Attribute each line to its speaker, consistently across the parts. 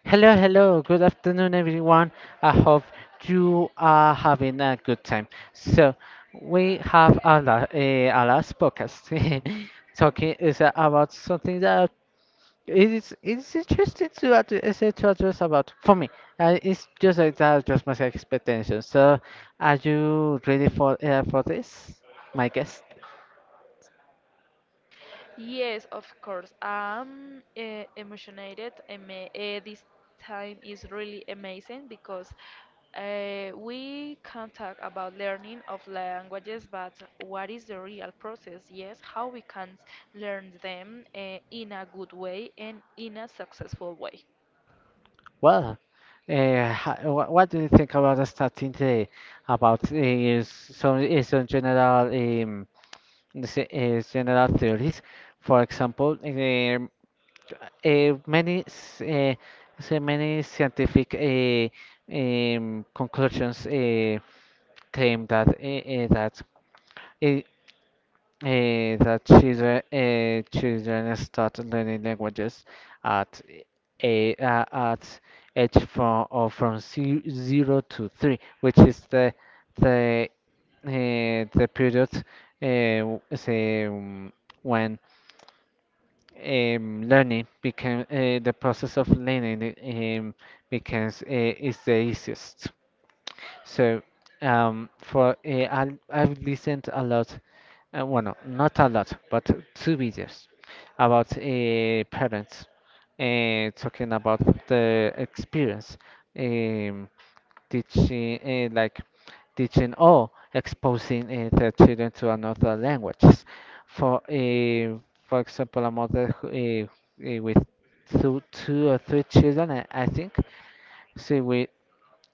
Speaker 1: Hello, hello. Good afternoon, everyone. I hope you are having a good time. So, we have a last podcast talking is about something that it is interesting to addre- is it to address about for me. It's just like that, just my expectations. So, are you ready for this, my guest?
Speaker 2: Yes, of course. I'm emotionated. This time is really amazing because we can talk about learning of languages, but what is the real process? Yes, how we can learn them in a good way and in a successful way.
Speaker 1: Well, what do you think about us starting today? About some general theories. For example, eh, many s- eh, many scientific conclusions claim that uh, that children, children start learning languages at a at age from or from zero to three, which is the the period, eh, w- say, um, when learning became the process of learning um, becomes is the easiest. So for I've listened a lot, well, no, not a lot, but two videos about parents talking about the experience, um, teaching like teaching or exposing their children to another languages. For uh, for example, a mother who, with two or three children, I think. So we,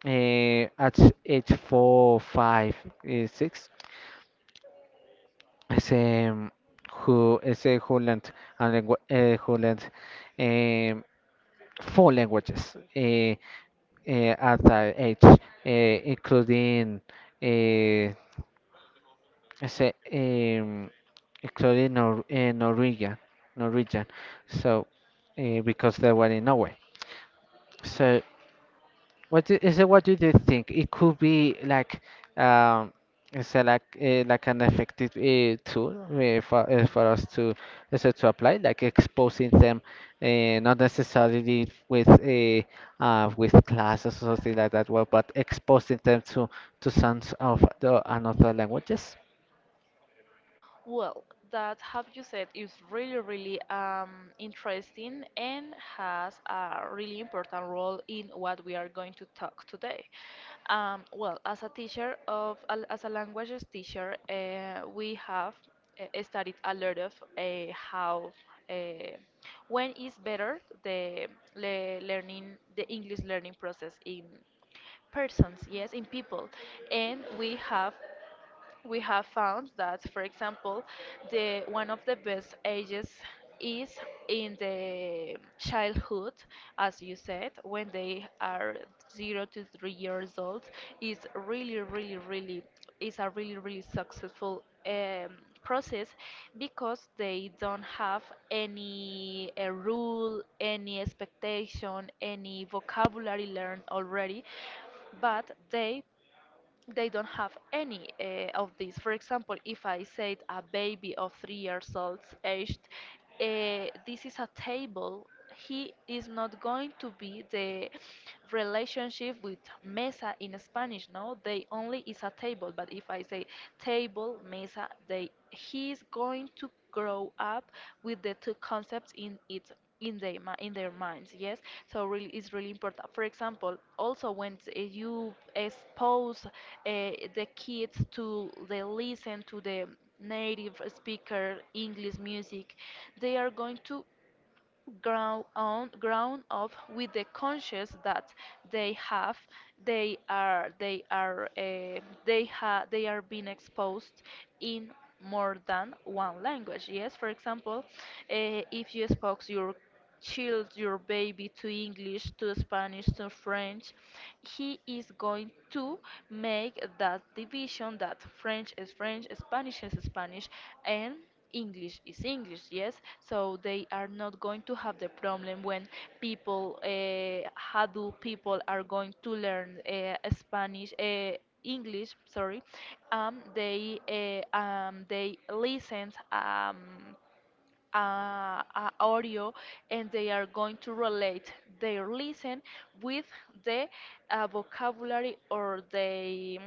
Speaker 1: at age four, five, six, is who is a who learned and langu who learned um, four languages, at that age, including, uh, say, um, including Nor Norwegian. So, because they were in Norway, so. What do, is it? What do you think? It could be like, um, is it like an effective tool for us to is it to apply, like exposing them, not necessarily with a, with classes or something like that. Well, but exposing them to sounds of the another languages.
Speaker 2: Well, that have you said is really, really, interesting and has a really important role in what we are going to talk today. Well, as a teacher of as a languages teacher, we have studied a lot of how uh, when is better the learning the English learning process in persons, yes, in people, and we have found that, for example, the one of the best ages is in the childhood, as you said, when they are 0 to 3 years old, is really, really, really is a really, really successful process because they don't have any rule, any expectation, any vocabulary learned already, but they they don't have any of these. For example, if I said a baby of 3 years old aged, this is a table. He is not going to be the relationship with mesa in Spanish. No, they only is a table. But if I say table, mesa, they he is going to grow up with the two concepts in its in their in their minds, yes. So really, it's really important, for example, also when you expose the kids to, they listen to the native speaker English music. They are going to ground up with the conscience that they have they are they are being exposed in more than one language, yes? For example, if you spoke your baby to English, to Spanish, to French, he is going to make that division: that French is French, Spanish is Spanish, and English is English, yes? So they are not going to have the problem when people, how do people are going to learn Spanish, English, sorry, they listen audio, and they are going to relate their listen with the vocabulary or the mm,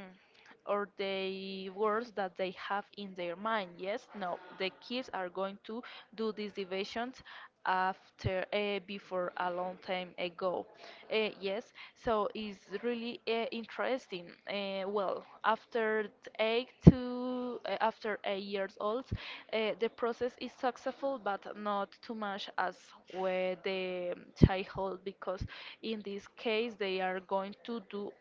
Speaker 2: or the words that they have in their mind, yes? No, the kids are going to do these divisions after before a long time ago. Yes, so it's really interesting. Well, after eight to after 8 years old, the process is successful, but not too much as with the childhood, because in this case they are going to do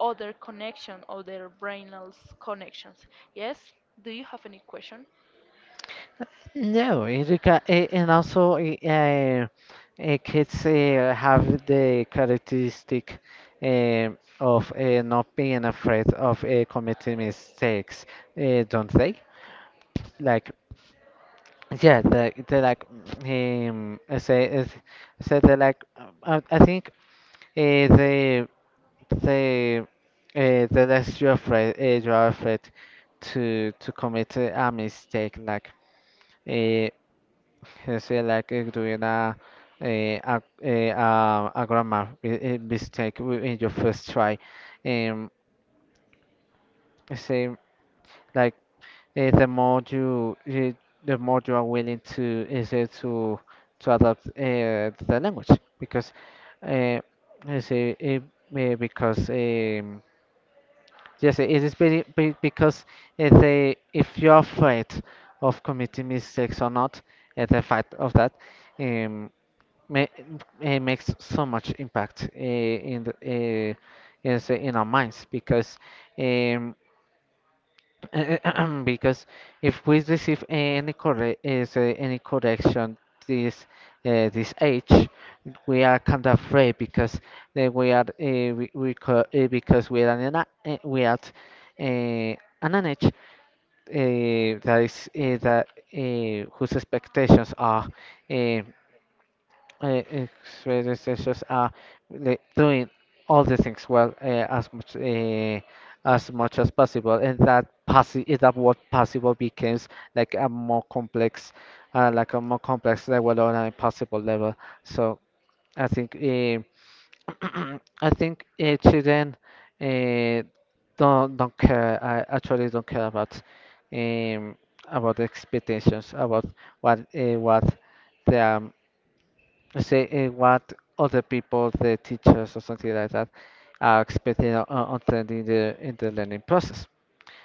Speaker 2: other connection, other brainal connections. Yes. Do you have any question?
Speaker 1: No, educa and also, uh, kids have the characteristic eh, of not being afraid of committing mistakes, don't they? Like, yeah, they like, I say is- say they like, I think uh, they they uh, the less you're afraid, you are afraid to commit a mistake like. Uh, say like doing a grammar mistake in your first try. Um, say like the more you, the more you are willing to, eh, say to adapt the language, because uh, say eh, eh, because um, yes it is very be, because, they, if you're afraid of committing mistakes or not, the fact of that, um, ma- makes so much impact in the, is in our minds, because um, because if we receive any corre- is any correction this, this age, we are kind of afraid because we are, because we are in a, we are uh, an an age that is that whose expectations are uh, experience just like doing all the things well, as much as possible, and that possi is that what possible becomes like a more complex, like a more complex level on a possible level. So I think, I think, children uh, don't care. I actually don't care about, um, about the expectations, about what their, say what other people, the teachers or something like that, are expecting or trend in the learning process.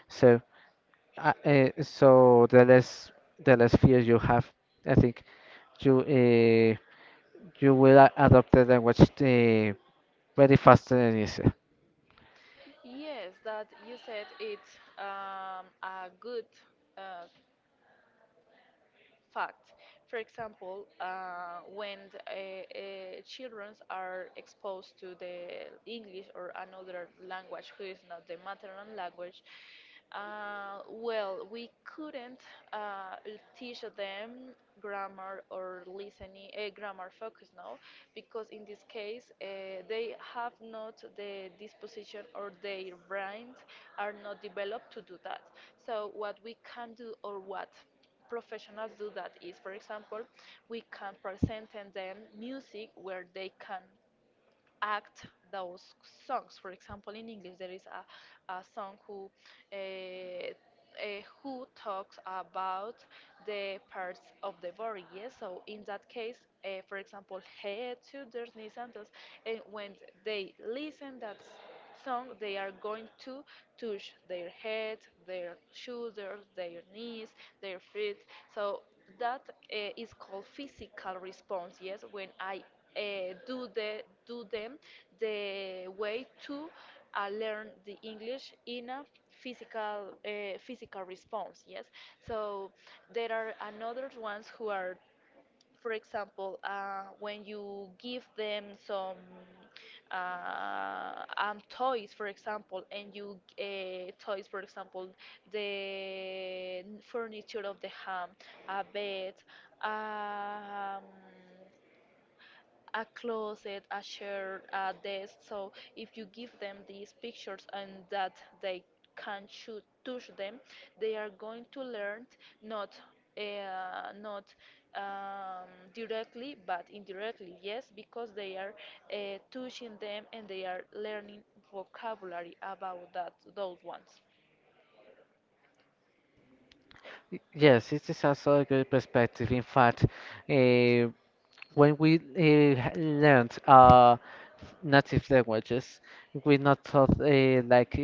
Speaker 1: So, so the less fear you have, I think you, you will adopt the language very fast and easy.
Speaker 2: Yes, that you said it's a good uh, fact. For example, when children are exposed to the English or another language who is not the maternal language, well, we couldn't uh, teach them grammar or listening, grammar focus now, because in this case they have not the disposition or their brains are not developed to do that. So what we can do or what professionals do, that is, for example, we can present and them music where they can act those songs. For example, in English, there is a song uh, who talks about the parts of the body. Yes, so in that case, for example, head, shoulders, knees, and toes. And when they listen that song, they are going to touch their head, their shoulders, their knees, their feet. So that is called physical response. Yes, when I do them the way to learn the English in a physical response. Yes, so there are another ones who are, for example, when you give them some toys, for example, the furniture of the home, a bed, um, a closet, a chair, a desk. So if you give them these pictures and that they can shoot, touch them, they are going to learn not not um, directly but indirectly. Yes, because they are touching them, and they are learning vocabulary about that those ones.
Speaker 1: Yes, it is also a good perspective. In fact, uh, when we learned native languages, we not taught, like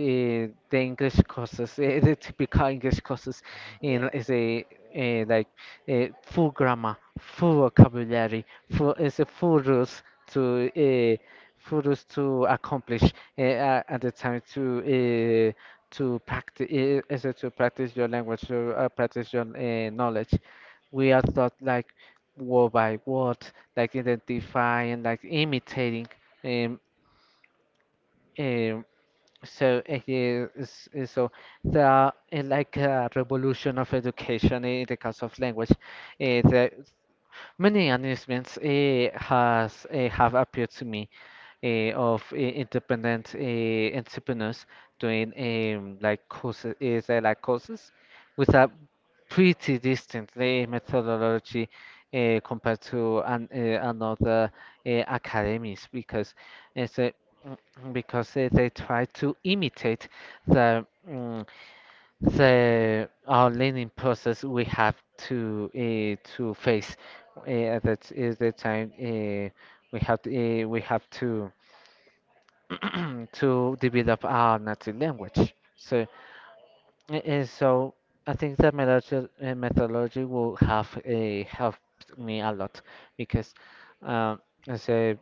Speaker 1: the English courses, the typical English courses, in
Speaker 2: Yes.
Speaker 1: is a like full grammar, full vocabulary, full is a full rules to, accomplish, at the time to, to practice, to practice your language, to, practice your, knowledge. We are taught like word by word, like identify and like imitating. Um, um, so it is, so the, like a revolution of education in the case of language. The many announcements has have appeared to me, of independent entrepreneurs, doing like courses, is like courses with a pretty distant the methodology compared to an, another academies, because it's a, because they try to imitate the, the our learning process we have to, to face, at that is the time we have to, we have to, to develop our native language, so and so I think that methodology, methodology will have a helped me a lot, because um, I say,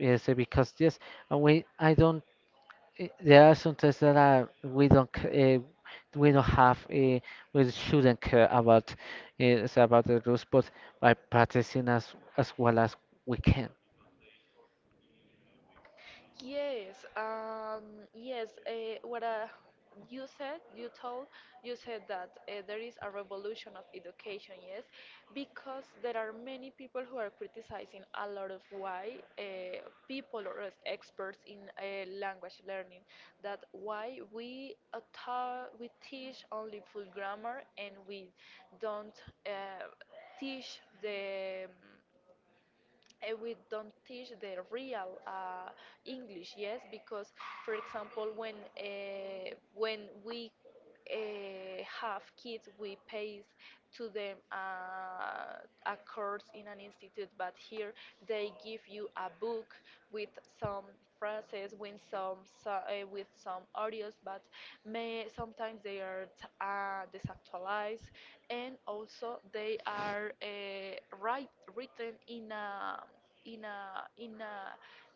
Speaker 1: I say because yes, we I don't. There are some tests that are, we don't we don't have, we shouldn't care about, about the rules, but by practicing as well as we can.
Speaker 2: Yes, um, yes. What you said, you told, you said that there is a revolution of education. Yes, because there are many people who are criticizing a lot of why people or as experts in language learning, that why we we teach only full grammar and we don't teach the we don't teach the real English, yes, because, for example, when we have kids, we pay to them a course in an institute, but here they give you a book with some phrases, so, uh, with some audios, but may sometimes they are desactualized, and also they are write, written in a in a in a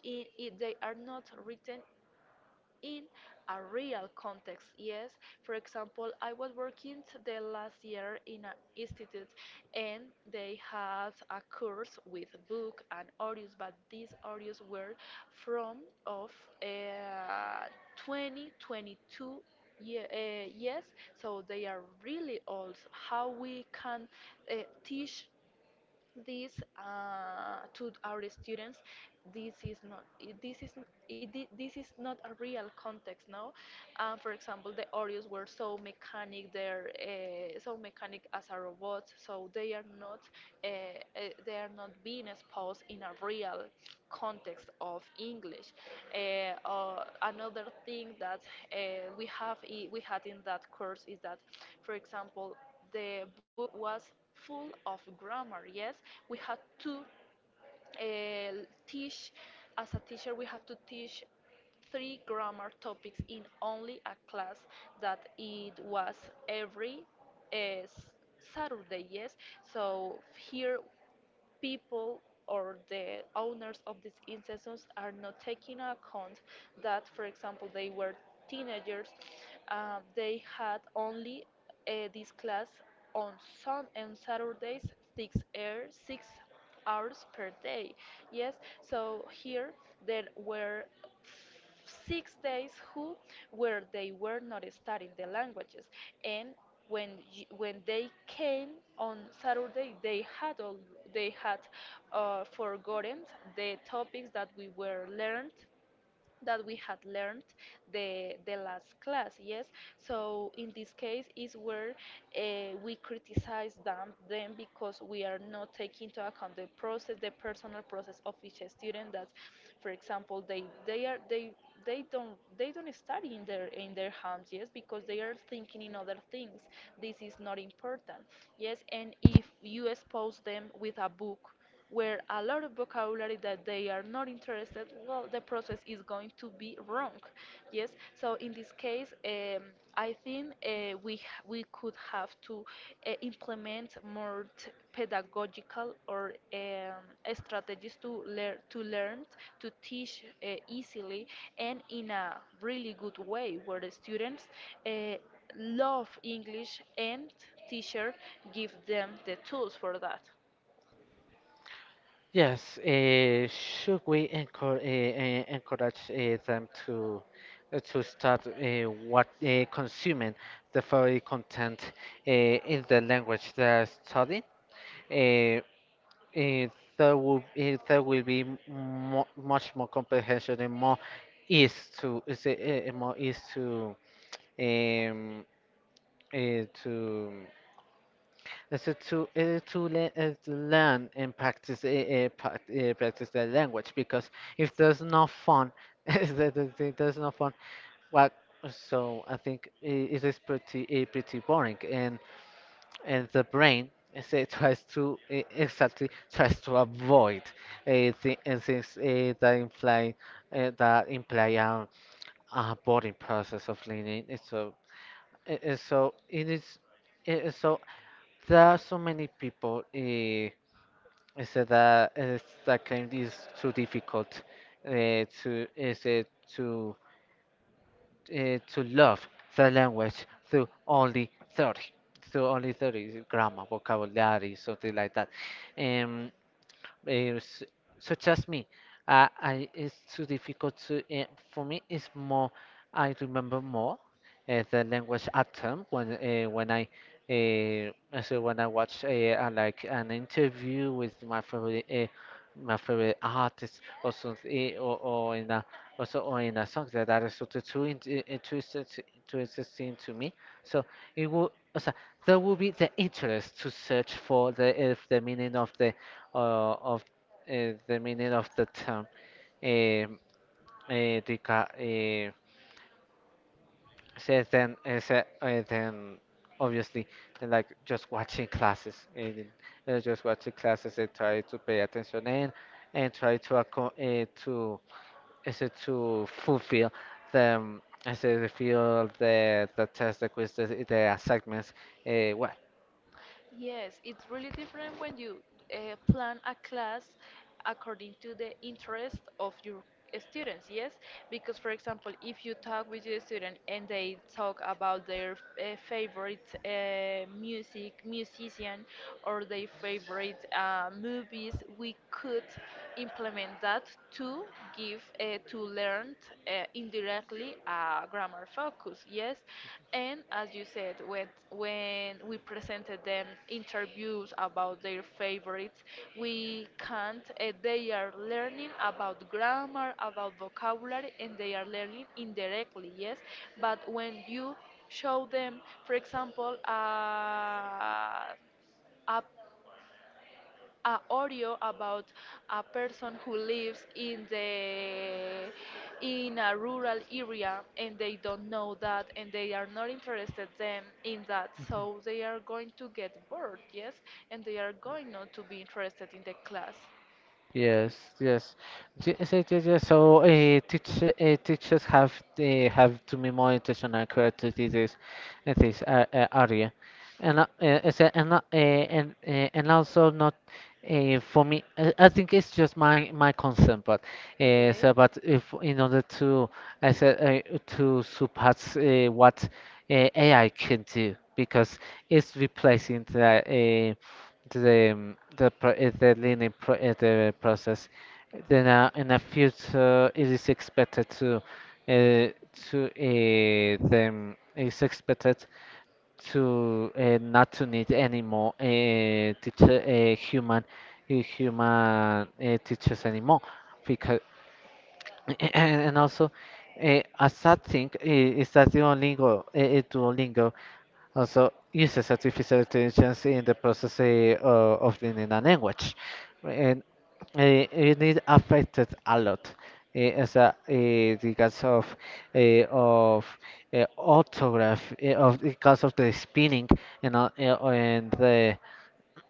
Speaker 2: a I they are not written in a real context. Yes, for example, I was working the last year in an institute, and they had a course with book and audios, but these audios were from of uh, 2022, yeah, yes, so they are really old. How we can uh, teach this to our students? This is not I- this is n- it, I- This is not a real context, no. For example, the oreos were so mechanic, they're so mechanic as a robot, so they are not uh, uh, they are not being exposed in a real context of English. Another thing that uh, we had in that course is that, for example, the book was full of grammar, yes. We had to teach as a teacher we have to teach three grammar topics in only a class that it was every uh, s- Saturday, yes. So here, people or the owners of these institutions are not taking account that, for example, they were teenagers, they had only this class on Sun and Saturdays, 6 hours per day. Yes, so here there were 6 days who where they were not studying the languages. And when when they came on Saturday, they had they had forgotten the topics that we were learned that we had learned the last class, yes. So in this case is where we criticize them because we are not taking into account the process, the personal process of each student. That, for example, they don't study in their homes, yes, because they are thinking in other things, this is not important, yes. And if you expose them with a book where a lot of vocabulary that they are not interested, well, the process is going to be wrong. Yes, so in this case, I think we could have to implement more pedagogical or strategies to teach easily and in a really good way, where the students. Uh, love English and teacher give them the tools for that.
Speaker 1: Yes, should we encourage them to, to start, what consuming the furry content, in the language they're studying? Uh, uh, there will be m- mo much more comprehension and more ease to, is more ease to, um, to is it to it's to le- to learn and practice, practice the language, because if there's no fun, if there's no fun. What? So I think it is pretty, pretty boring, and the brain say tries to, exactly tries to avoid, things that imply, that imply a boring process of learning. So it is. So there are so many people said that, that claim it is too difficult, to is it to to love the language through only 30, grammar vocabulary something like that. Um, eh, s- Such as me. I, it's too difficult to, for me, it's more, I remember more, the language atom when, when I, when I watch, like an interview with my favorite, my favorite artist or something, eh, or in a also or in a song that is sort too in, too too interesting to me. So it will also there will be the interest to search for the if the meaning of the, of the meaning of the term, um, uh, deca- uh, so then, then obviously and like just watching classes and, try to pay attention and try to, to is it to fulfill the, I say the feel the test the quiz the assignments, uh,
Speaker 2: Yes, it's really different when you plan a class according to the interest of your students, yes? Because, for example, if you talk with your student and they talk about their favorite musician, or their favorite movies, we could implement that to give, to learn indirectly a grammar focus, yes? And as you said, when we presented them interviews about their favorites, we can't, they are learning about grammar, about vocabulary, and they are learning indirectly, yes. But when you show them, for example, a audio about a person who lives in a rural area, and they don't know that and they are not interested them in that, so they are going to get bored, yes. And they are going not to be interested in the class.
Speaker 1: yes, yes, yes, yes, yes, yes. So, teachers have, have to be more intentional correct to this in this, area, and, as a- and also not, for me. I think it's just my concern, but
Speaker 2: Okay.
Speaker 1: but if in order to I said to surpass what AI can do, because it's replacing the, the, the pro is the learning pro is the process. Then, in a future, it is expected to, uh, to, them is expected to not to need anymore teacher, human teachers anymore, because and also a sad thing is that Duolingo, Duolingo, also uses artificial intelligence in the process of learning a language. And it is affected a lot, because of eh, of orthography, eh, of because of the spelling, and the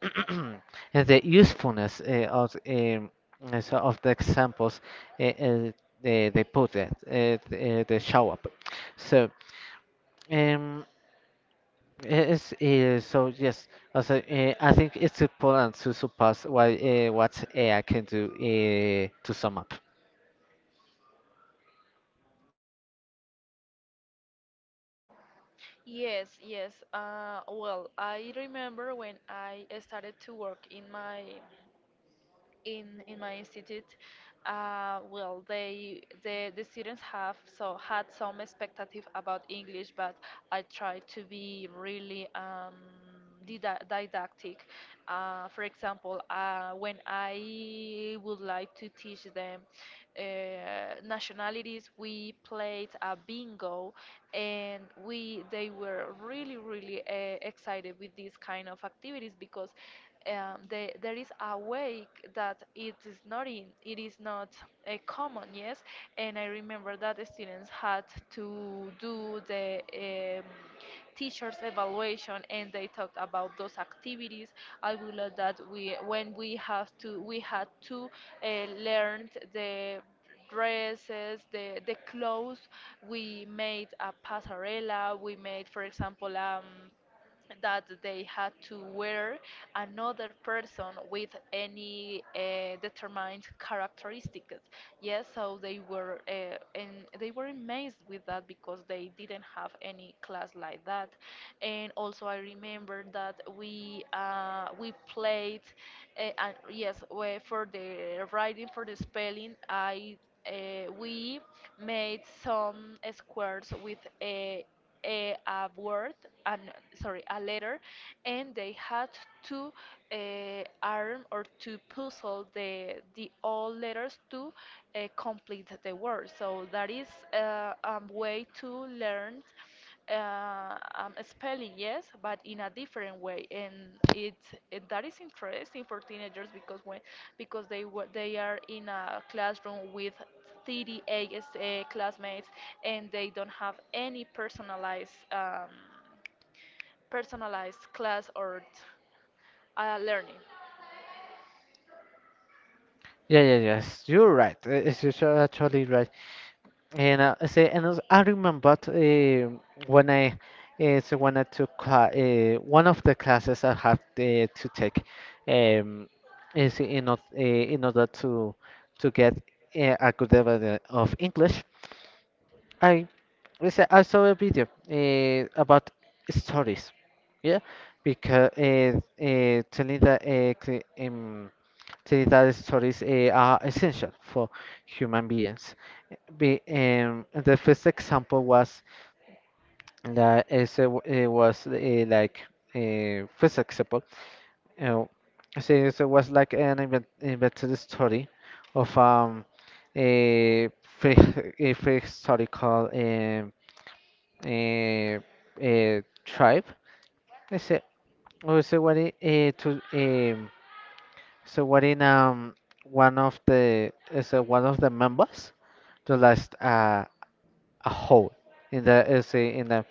Speaker 1: and the usefulness of, of the examples, uh, uh, they put it they show up. So. Um, Yes, so yes, also, I think it's important to surpass what, what AI can do to sum up.
Speaker 2: Yes, yes. Well, I remember when I started to work in my in my institute, well, the students have so had some expectative about English, but I try to be really didactic. For example, when I would like to teach them nationalities, we played a bingo, and we they were really really excited with these kind of activities because there is a way that it is not in, it is not common, yes. And I remember that the students had to do the teachers' evaluation, and they talked about those activities. I would love that we, when we have to, we had to learn the dresses, the clothes. We made a pasarela. We made, for example, that they had to wear another person with any determined characteristics. Yes, so they were and they were amazed with that because they didn't have any class like that. And also, I remember that we played, and yes, for the writing for the spelling, I we made some squares with a word, an, sorry, a letter, and they had to arm or to puzzle the all letters to complete the word. So that is a way to learn spelling, yes, but in a different way, and it, it that is interesting for teenagers because they are in a classroom with 38 classmates, and they don't have any personalized personalized class or learning.
Speaker 1: Yeah, yeah, yes, you're right. It's just actually right. And, and also I remember, when I, when I took, cla one of the classes I had, to take, um, is in, o- uh, in order to get a good level of English. I I saw a video about stories, yeah, because telling that, telling that stories are essential for human beings. The first example was that is, w- was like first example. Uh, so it was like an invented story of a pre- a prehistoricaluh, tribe. Is it? Oh, so what? I- eh, to so what in one of the is one of the members to last a hole in the is a- in the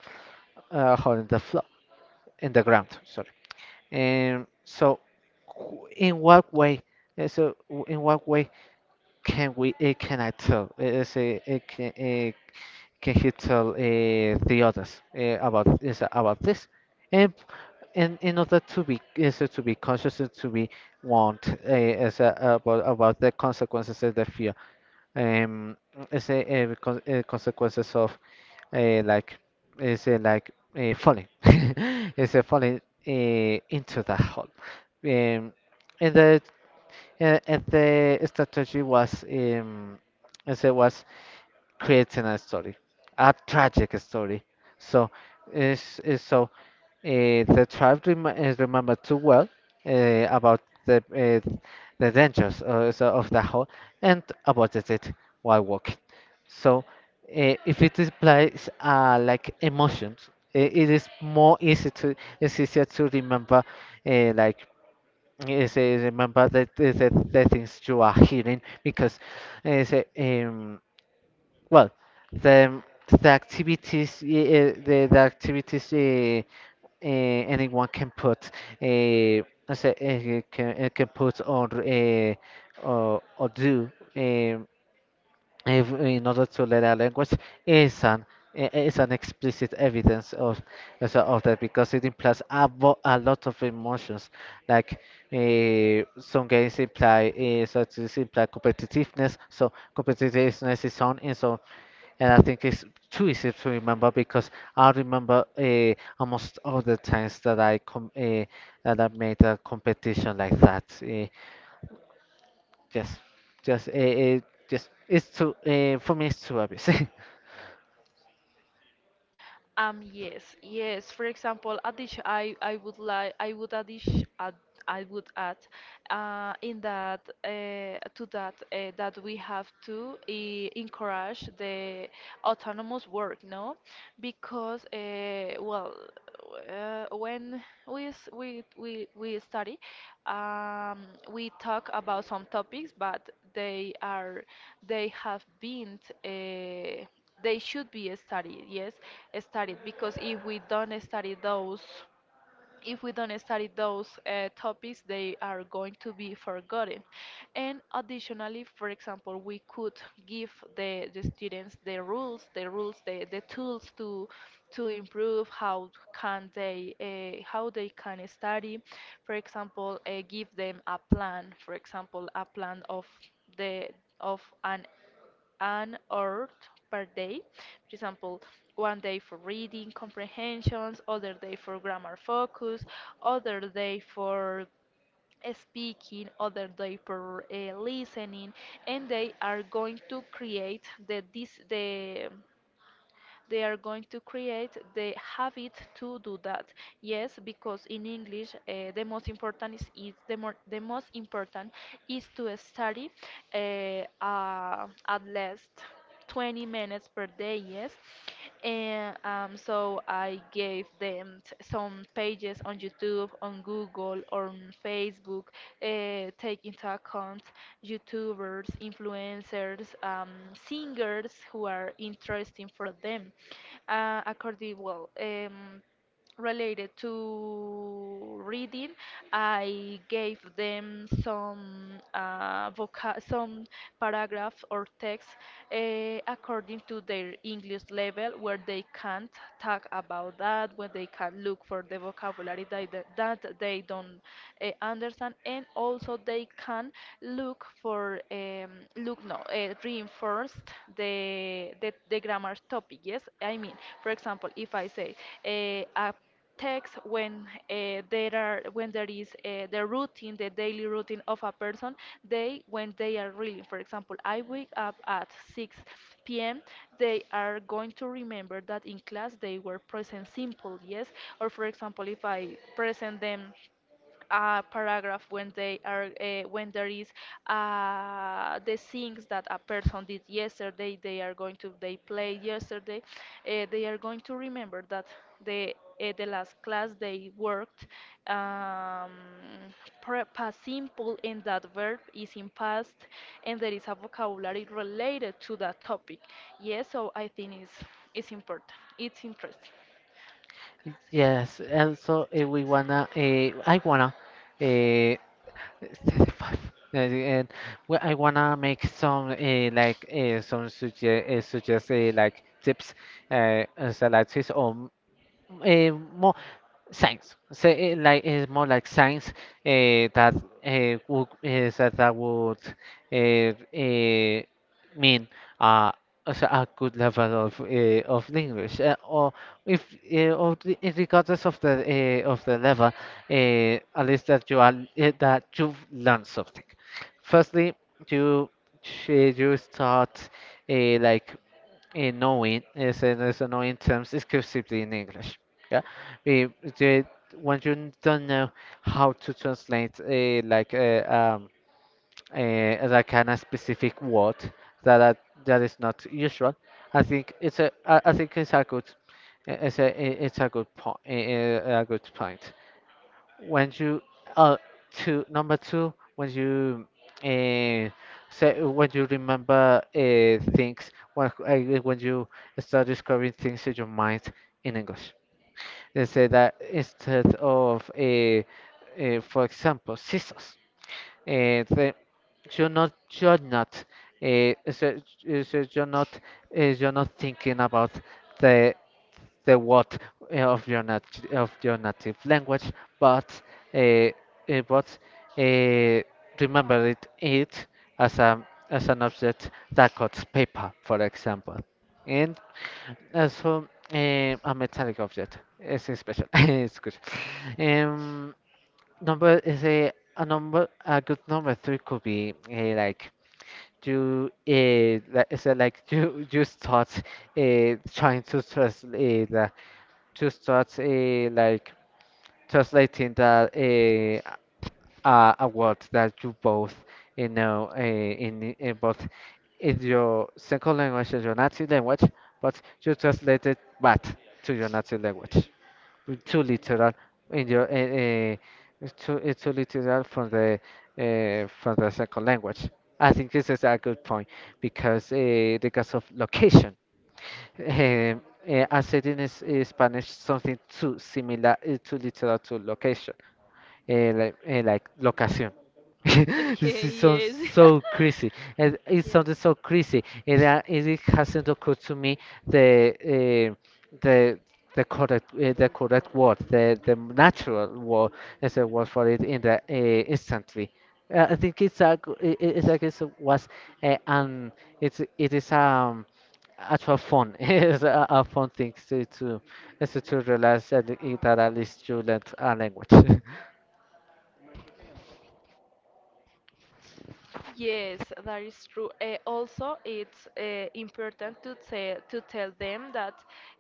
Speaker 1: uh, hole in the floor, in the ground. Sorry. And so, wh- in what way? Eh, So w- in what way can we? Can I tell? Is it? Can he tell the others about this? And in order to be conscious and to be want is about the consequences of the fear um consequences of like is like falling is falling into that hole um and the and the strategy was as it was creating a story, a tragic story, so is so the tribe remember too well about the uh, the dangers of the hole and avoided it while walking. So, if it implies like emotions, I it is more easy to it's easier to remember like say remember the things you are hearing. Because uh, say, um, well the the activities the activities. Anyone can put, I say can put or or do. Um, if in order to learn a language is an is an explicit evidence of of that, because it implies a lot of emotions, like some games imply, such as imply competitiveness, so competitiveness is on. And I think it's too easy to remember, because I remember almost all the times that I made a competition like that. Just, just it, just it's too for me it's too obvious.
Speaker 2: Yes, yes. For example, addition, I would like, I would addition, add, I would add, uh, in that, uh, to that, that we have to encourage the autonomous work, no? Because, well, when we study, um, we talk about some topics, but they are they have been uh, they should be studied. Yes, studied because if we don't study those topics, they are going to be forgotten. And additionally, for example, we could give the students the tools to improve how they can study. For example, give them a plan. For example, a plan of the of an hour per day. For example, one day for reading comprehensions, other day for grammar focus, other day for speaking, other day for listening, and they are going to create the habit to do that. Yes, because in English, the most important is the, more, the most important is to study uh, at least 20 minutes per day. Yes, and so I gave them some pages on YouTube, on Google, on Facebook, take into account YouTubers, influencers, singers who are interesting for them. Uh, according, well, um, related to reading, I gave them some some paragraph or text according to their English level, where they can't talk about that, where they can look for the vocabulary that they don't understand, and also they can look for look no read reinforced the the grammar topic. Yes, I mean, for example, if I say a text when there is the routine the daily routine of a person, they when they are reading, for example, I wake up at 6 p.m., they are going to remember that in class they were present simple. Yes, or for example, if I present them a paragraph when there is the things that a person did yesterday, they are going to, they played yesterday, they are going to remember that the the last class they worked um, past simple and that verb is in past, and there is a vocabulary related to that topic. Yes, so I think it's important it's interesting.
Speaker 1: Yes, and so we wanna I wanna 35. uh, and I wanna make some some suggest suggest like tips, and salads or more science. So it like it's more like science that would uh, uh, mean uh, also a good level of English. Or if, or the- it regardless of the level, at least that you've learned something. Firstly, you you start uh, like annoying terms exclusively in English. Yeah, we the, when you don't know how to translate a, kind of specific word that are, that is not usual, I think it's a good, it's a good point, a good point. When you uh two number two, when you uh, say when you remember things, when you start discovering things in your mind in English. They say that instead of, for example, scissors, uh, they, you're not uh, so, so you're not you're not thinking about the the what of your nat- of your native language, but uh, uh, but uh, remember it as a as an object that cuts paper, for example, and also a metallic object. It's special. It's good. Um, number is a number a good number three could be like you like, is it like you start trying to translate to start, a like translating a word that you know in both in your second language and your native language, but you translate it back to your native language, too literal in your too It's too literal from the second language. I think this is a good point, because of location. Eh, I said in Spanish something too similar to location, like location.
Speaker 2: Okay,
Speaker 1: It's sounds
Speaker 2: yes.
Speaker 1: so crazy. It
Speaker 2: Yes.
Speaker 1: sounded so crazy. It hasn't occurred to me the uh, the the correct word, the natural word as a word for it in the instantly. I think it's a g- I- it, I guess it was an it's it is actual fun. It's a fun thing to, it's to realize that that at least you learned a language.
Speaker 2: Yes, that is true. Also, it's important to tell them that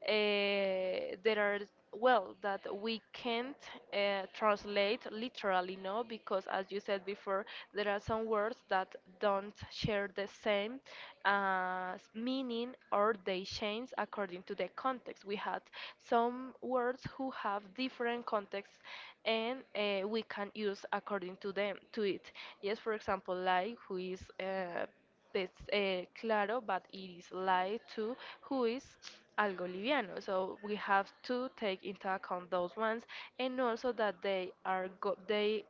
Speaker 2: there are well that we can't translate literally, no, because as you said before, there are some words that don't share the same meaning or they change according to the context. We had some words who have different contexts, and we can use according to them to it. Yes, for example, like who is it's claro, but it is light to who is algo liviano. So we have to take into account those ones, and also that they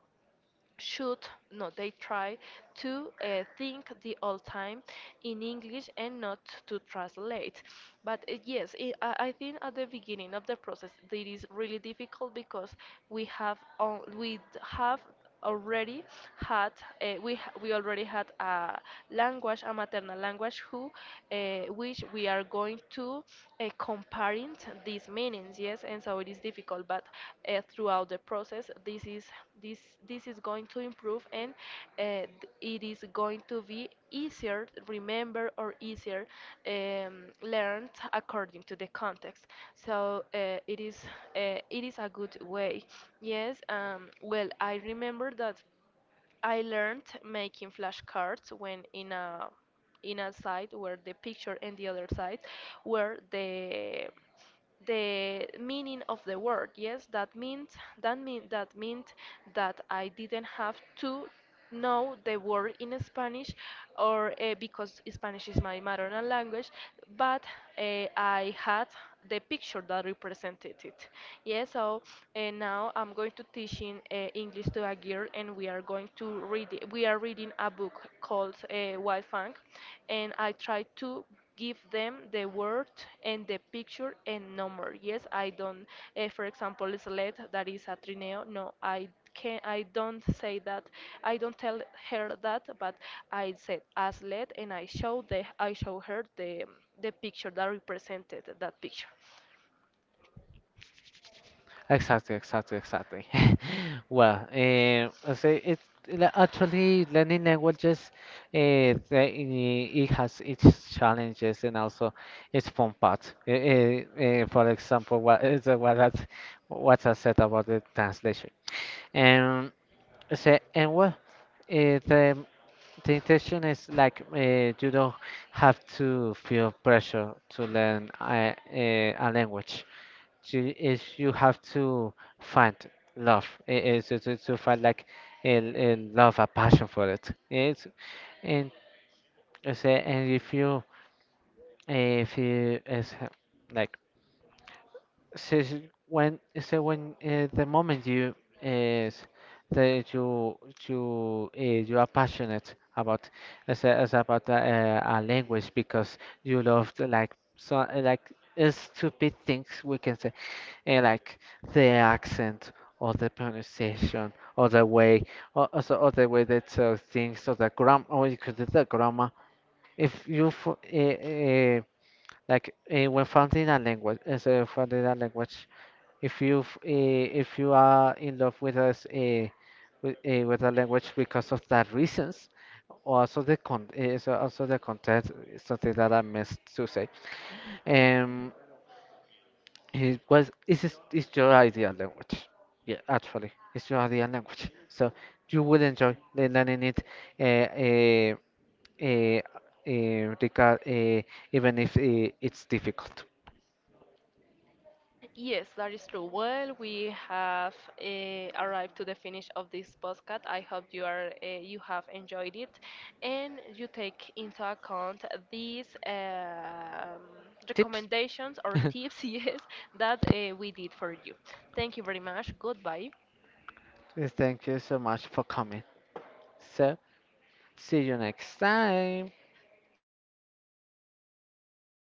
Speaker 2: should no they try to think the old time in English and not to translate. But I think at the beginning of the process it is really difficult because we have al- we d- have already had we h- we already had a language, a maternal language who which we are going to comparing these meanings. Yes, and so it is difficult, but throughout the process this this is going to improve, and uh, it is going to be easier to remember or easier learned according to the context. So it is a good way. Yes. Well, I remember that I learned making flashcards when in a site where the picture and the other side were the meaning of the word. Yes, that meant that I didn't have to know the word in Spanish, or because Spanish is my maternal language, but I had the picture that represented it. Yeah, so now I'm going to teach in English to a girl, and we are going to read. We are reading a book called Wild Fang, and I try to give them the word and the picture and number. Yes, I don't. For example, select that is a trineo. No, I can I don't say that. I don't tell her that, but I said as let and I show her the picture that represented that picture.
Speaker 1: Exactly, exactly, exactly. Well, I say it, like, actually learning languages. It has its challenges and also its fun part. For example, what I said about the translation. And say and well, the the intention is like you don't have to feel pressure to learn a language. So is You have to find love. It is to, to find like a love, a passion for it. It's and I say and If you if you is like says when so when the moment is that you you you are passionate about as, a- as about a language, because you love the, like stupid things we can say, like the accent or the pronunciation or the way, or also or the way they tell things or the grammar. If you like when found in a language, if you are in love with with a language because of that reasons, also the con eh, so also the content is something that I missed to say. Um, it was it's is It's your ideal language. Yeah, actually, it's your ideal language. So you will enjoy learning it. Uh, uh, uh, uh, regard, uh, Even if it's difficult.
Speaker 2: Yes, that is true. Well, we have arrived to the finish of this podcast. I hope you are you have enjoyed it, and you take into account these
Speaker 1: Tips.
Speaker 2: recommendations or tips, yes, that we did for you. Thank you very much. Goodbye.
Speaker 1: Yes, thank you so much for coming. So, see you next time.